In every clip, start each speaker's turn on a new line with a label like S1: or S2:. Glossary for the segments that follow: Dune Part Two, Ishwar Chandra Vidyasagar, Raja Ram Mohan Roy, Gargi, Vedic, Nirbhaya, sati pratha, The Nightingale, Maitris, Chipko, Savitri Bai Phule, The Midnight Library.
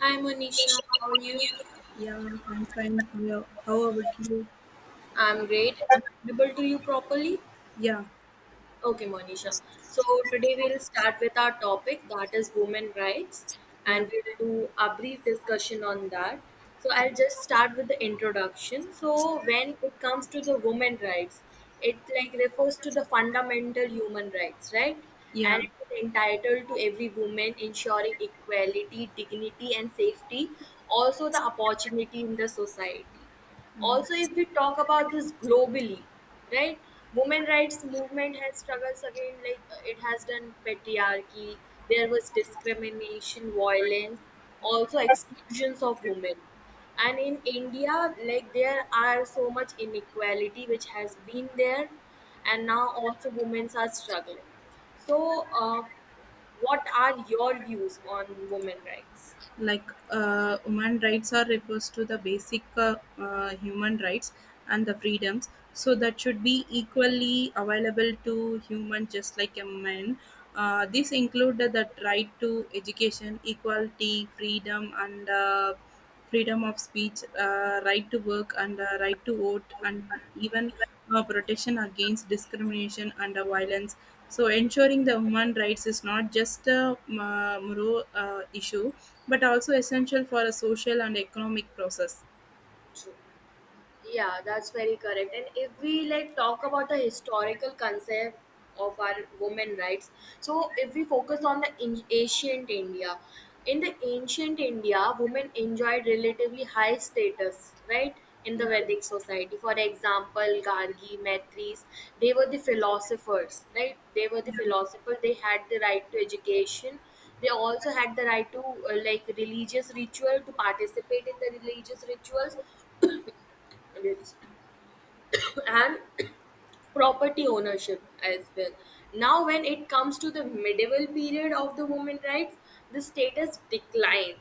S1: Hi Monisha, how are you?
S2: Yeah, I'm fine. Yeah. How about you?
S1: I'm great. I'm audible to you properly?
S2: Yeah,
S1: Okay, Monisha. So today we'll start with our topic that is women rights,
S2: yeah,
S1: and we'll do a brief discussion on that. So I'll just start with the introduction. So when it comes to the women rights, it like refers to the fundamental human rights, right?
S2: yeah.
S1: And it is entitled to every woman ensuring equality, dignity and safety, also the opportunity in the society. Also, if we talk about this globally, right? Women rights movement has struggles again, like it has done patriarchy. There was discrimination, violence, also exclusions of women. And in India, like there are so much inequality which has been there, and now also women are struggling. So, what are your views on women rights?
S2: Human rights are refers to the basic human rights and the freedoms. So that should be equally available to human, just like a man. This include the right to education, equality, freedom, and freedom of speech, right to work, and right to vote, and even protection against discrimination and violence. So, ensuring the human rights is not just a moral issue, but also essential for a social and economic process.
S1: True. Yeah, that's very correct. And if we like talk about the historical concept of our women rights, so if we focus on the ancient India, in the ancient India, women enjoyed relatively high status, right? In the
S2: Yeah,
S1: Vedic society, for example, Gargi, Maitris, they were the philosophers, right? They were the philosophers. They had the right to education. They also had the right to like religious ritual to participate in the religious rituals and property ownership as well. Now, when it comes to the medieval period of the women rights, the status declined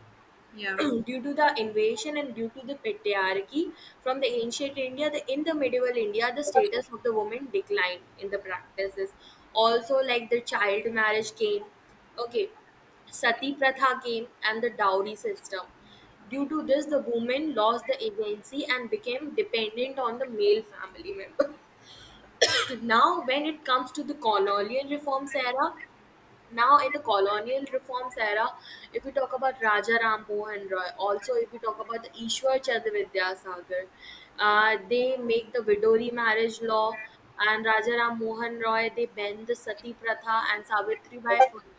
S2: yeah.
S1: due to the invasion and due to the patriarchy from the ancient India. In the medieval India, the status of the woman declined in the practices. Also, like the child marriage came, okay, sati pratha came, and the dowry system. Due to this, the woman lost the agency and became dependent on the male family member. Now when it comes to the colonial reforms era, now in the colonial reforms era, if we talk about Raja Ram Mohan Roy, also if we talk about the Ishwar Chandra Vidyasagar, they make the widowry marriage law, and Raja Ram Mohan Roy they bend the sati pratha and Savitri Bai Phule.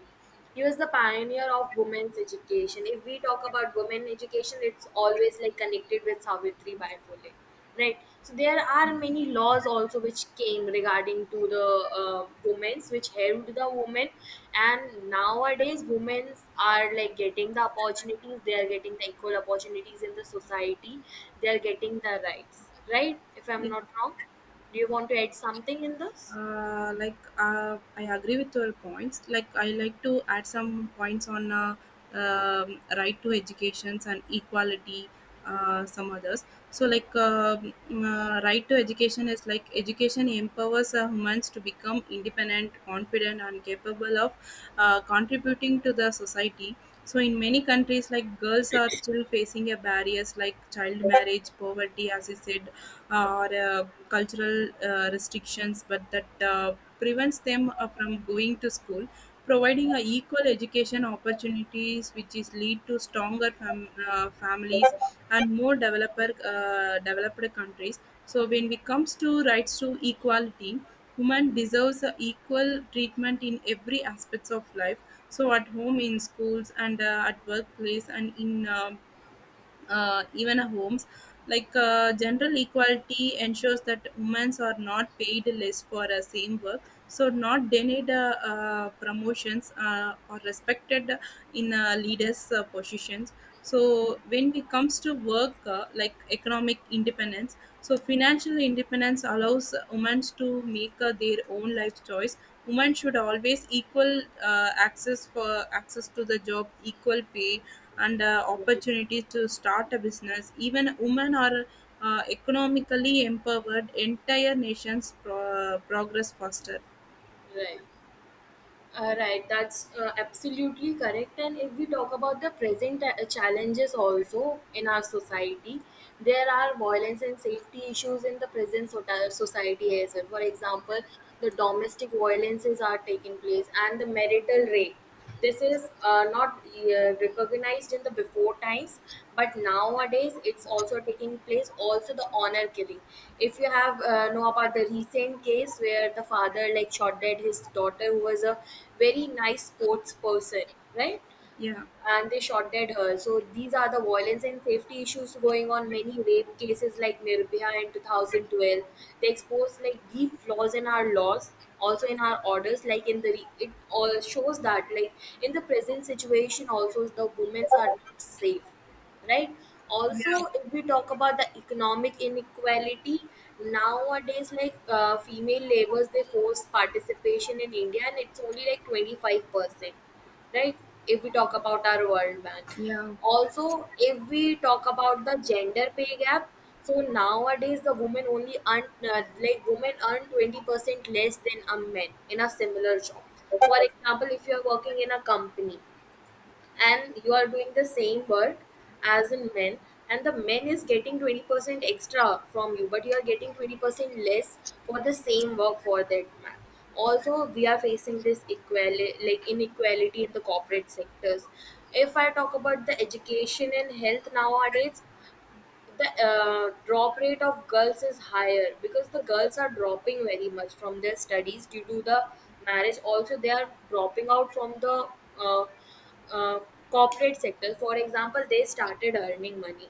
S1: He was the pioneer of women's education. If we talk about women education, it's always like connected with Savitri Bai Phule, right? So there are many laws also which came regarding to the women's, which helped the women. And nowadays, women's are like getting the opportunities. They are getting the equal opportunities in the society. They are getting the rights, right? If I'm not wrong, do you want to add something in this?
S2: I agree with your points. Like I like to add some points on right to educations and equality. Some others. So right to education is like education empowers humans to become independent, confident, and capable of contributing to the society. So in many countries, like girls are still facing a barriers like child marriage, poverty, as you said, or cultural restrictions, but that prevents them from going to school. Providing a equal education opportunities, which is lead to stronger families and more developer developed countries. So when it comes to rights to equality, women deserves a equal treatment in every aspects of life, so at home, in schools, and at workplace, and in even homes. General equality ensures that women are not paid less for the same work, so not denied promotions or respected in leaders' positions. So when it comes to work, like economic independence, so financial independence allows women to make their own life choice. Women should always equal access for access to the job, equal pay, and
S1: Right,
S2: opportunities to start a business. Even women are economically empowered. Entire nations progress faster.
S1: right. Right, that's absolutely correct. And if we talk about the present challenges also in our society, there are violence and safety issues in the present society as well. For example, the domestic violences are taking place and the marital rape. This is not recognized in the before times, but nowadays it's also taking place. Also, the honor killing. If you have know about the recent case where the father like shot dead his daughter, who was a very nice sports person, right?
S2: Yeah,
S1: And they shot dead her. So these are the violence and safety issues going on. Many rape cases like Nirbhaya in 2012, they expose like deep flaws in our laws, also in our orders. Like in the it all shows that like in the present situation, also the women are not safe, right. Also if we talk about the economic inequality nowadays, like female laborers they force participation in india and it's only like 25%, right. If we talk about our world bank,
S2: yeah,
S1: also if we talk about the gender pay gap, so nowadays the women only earn, like women earn 20% less than a man in a similar job. For example, if you are working in a company and you are doing the same work as in men, and the men is getting 20% extra from you but you are getting 20% less for the same work for that man. Also we are facing this equality like inequality in the corporate sectors. If I talk about the education and health nowadays, the drop rate of girls is higher because the girls are dropping very much from their studies due to the marriage. Also they are dropping out from the uh, uh, corporate sector. For example, they started earning money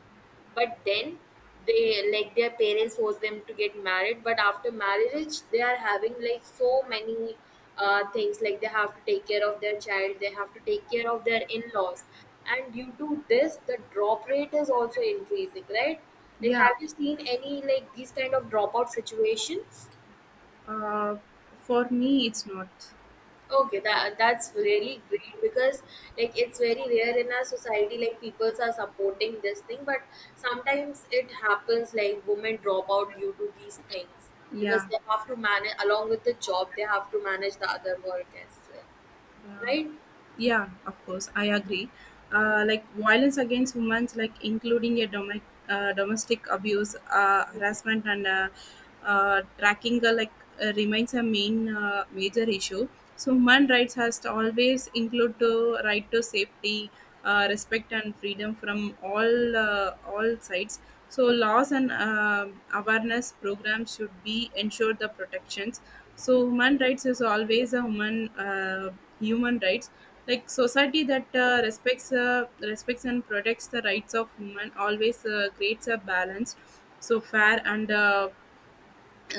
S1: but then they, like their parents force them to get married, but after marriage they are having like so many things, like they have to take care of their child, they have to take care of their in-laws, and due to this the drop rate is also increasing, right? Like
S2: yeah.
S1: have you seen any like these kind of dropout situations?
S2: Uh, for me, it's not.
S1: Okay, that's really great because like it's very rare in our society like people are supporting this thing, but sometimes it happens like women drop out due to these things because
S2: Yeah,
S1: they have to manage along with the job, they have to manage the other work as well,
S2: uh,
S1: right?
S2: yeah. Of course, I agree. Violence against women, like including a domestic abuse, harassment, and tracking, remains a main major issue. So human rights has to always include the right to safety, respect and freedom from all sides. So laws and awareness programs should be ensure the protections. So human rights is always a human rights. Like society that uh, respects and protects the rights of human always creates a balance, so fair and uh,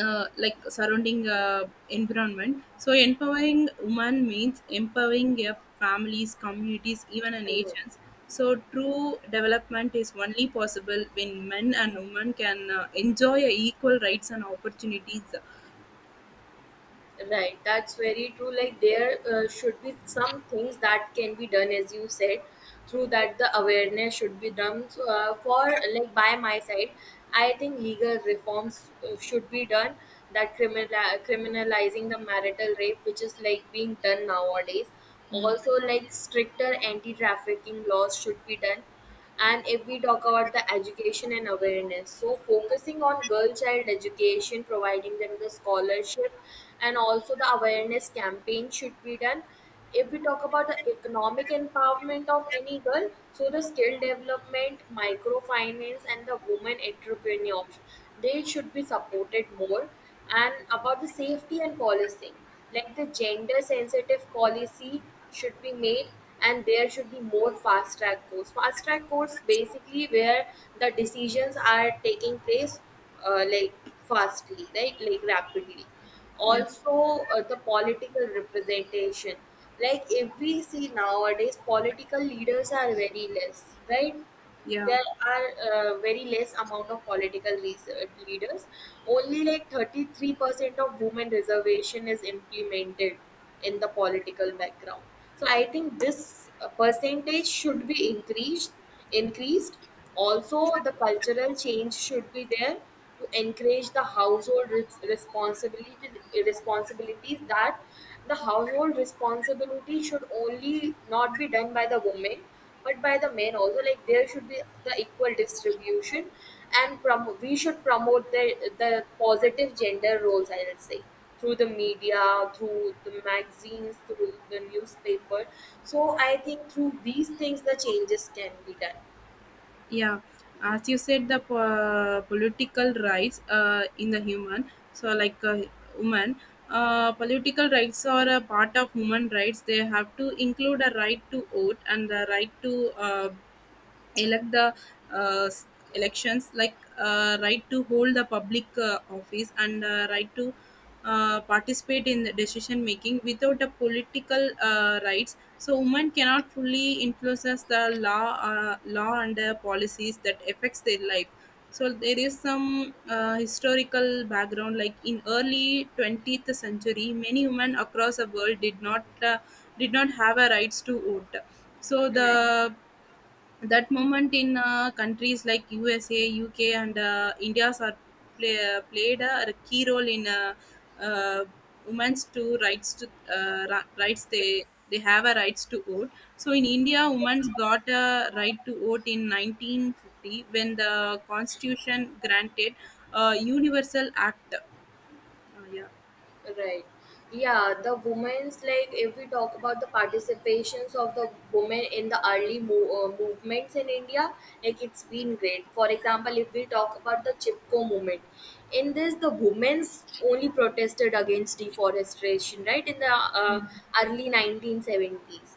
S2: uh, like surrounding environment. So empowering women means empowering their families, communities, even a nations. So true development is only possible when men and women can enjoy equal rights and opportunities.
S1: Right, that's very true. Like there should be some things that can be done, as you said, through that the awareness should be done. So, for like by my side, I think legal reforms should be done. That criminalizing the marital rape, which is like being done nowadays. Also, like stricter anti-trafficking laws should be done, and if we talk about the education and awareness, so focusing on girl child education, providing them the scholarship, and also the awareness campaign should be done. If we talk about the economic empowerment of any girl, so the skill development, microfinance and the women entrepreneurs, they should be supported more. And about the safety and policing, like the gender sensitive policy should be made, and there should be more fast track courts. Fast track courts basically where the decisions are taking place like fastly, right, like rapidly.
S2: Yeah,
S1: Also the political representation, like if we see nowadays political leaders are very less, right.
S2: yeah,
S1: There are very less amount of political research leaders. Only like 33% of women reservation is implemented in the political background. So I think this percentage should be increased. Also, the cultural change should be there to encourage the household res- responsibility responsibilities, that the household responsibility should only not be done by the women but by the men also. Like there should be the equal distribution, and we should promote the positive gender roles, I would say, through the media, through the magazines, through the newspaper. So I think through these things the changes can be done.
S2: yeah. As you said, the political rights in the human. So like uh, woman uh, political rights are a part of human rights. They have to include a right to vote and the right to elect the uh, s- elections, like right to hold the public office and right to participate in the decision making. Without the political rights, so women cannot fully influence the law and the policies that affects their life. So there is some historical background. Like in early 20th century, many women across the world did not have a rights to vote. So the
S1: Correct.
S2: That moment in countries like USA, UK, and India's are played a key role in uh, women's to rights to ra- rights, they have a rights to vote. So in India, women's got a right to vote in 1950, when the constitution granted a universal act. Yeah.
S1: Right. Yeah, the women's, like if we talk about the participations of the women in the early movements in India, like it's been great. For example, if we talk about the Chipko movement, in this the women's only protested against deforestation, right? In the
S2: Yeah.
S1: early 1970s,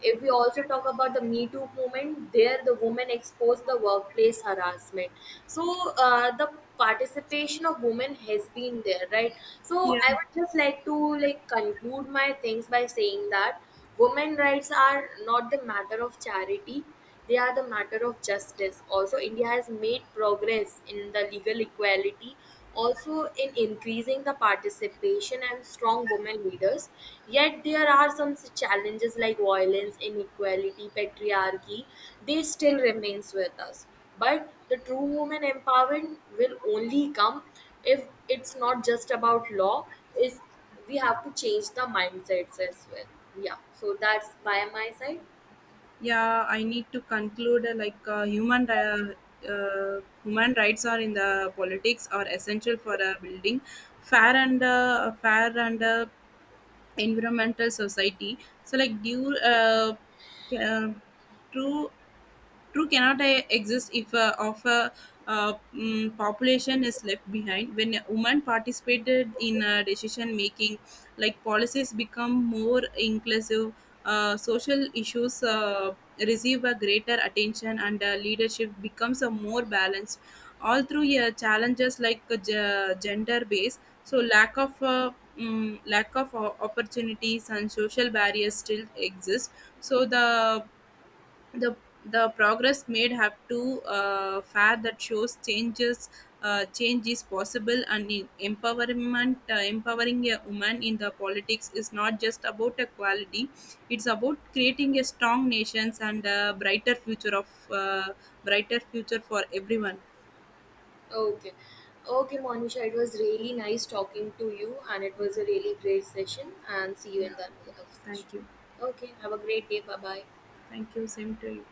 S1: if we also talk about the Me Too movement, there the women exposed the workplace harassment. So the participation of women has been there, right? So I
S2: Yeah.
S1: would just like to like conclude my things by saying that women rights are not the matter of charity. They are the matter of justice. Also, India has made progress in the legal equality, also in increasing the participation and strong women leaders. Yet there are some challenges like violence, inequality, patriarchy. They still remains with us. But the true woman empowerment will only come if it's not just about law. Is, we have to change the mindsets as well. Yeah. So that's by my side.
S2: Yeah, I need to conclude. Human rights are in the politics are essential for a building fair and environmental society. So like due ca- true True cannot exist if of a population is left behind. When women participated in decision making, like policies become more inclusive, social issues receive a greater attention, and leadership becomes a more balanced. All through challenges like gender based, so lack of opportunities and social barriers still exist. So the the progress made have to fair that shows change is possible. And in empowerment empowering a woman in the politics is not just about equality, it's about creating a strong nations and a brighter future for everyone.
S1: Okay. Okay, Monisha, it was really nice talking to you, and it was a really great session. And see you
S2: Yeah,
S1: in the another session.
S2: thank you.
S1: Okay, have a great day. Bye bye.
S2: Thank you, same to you.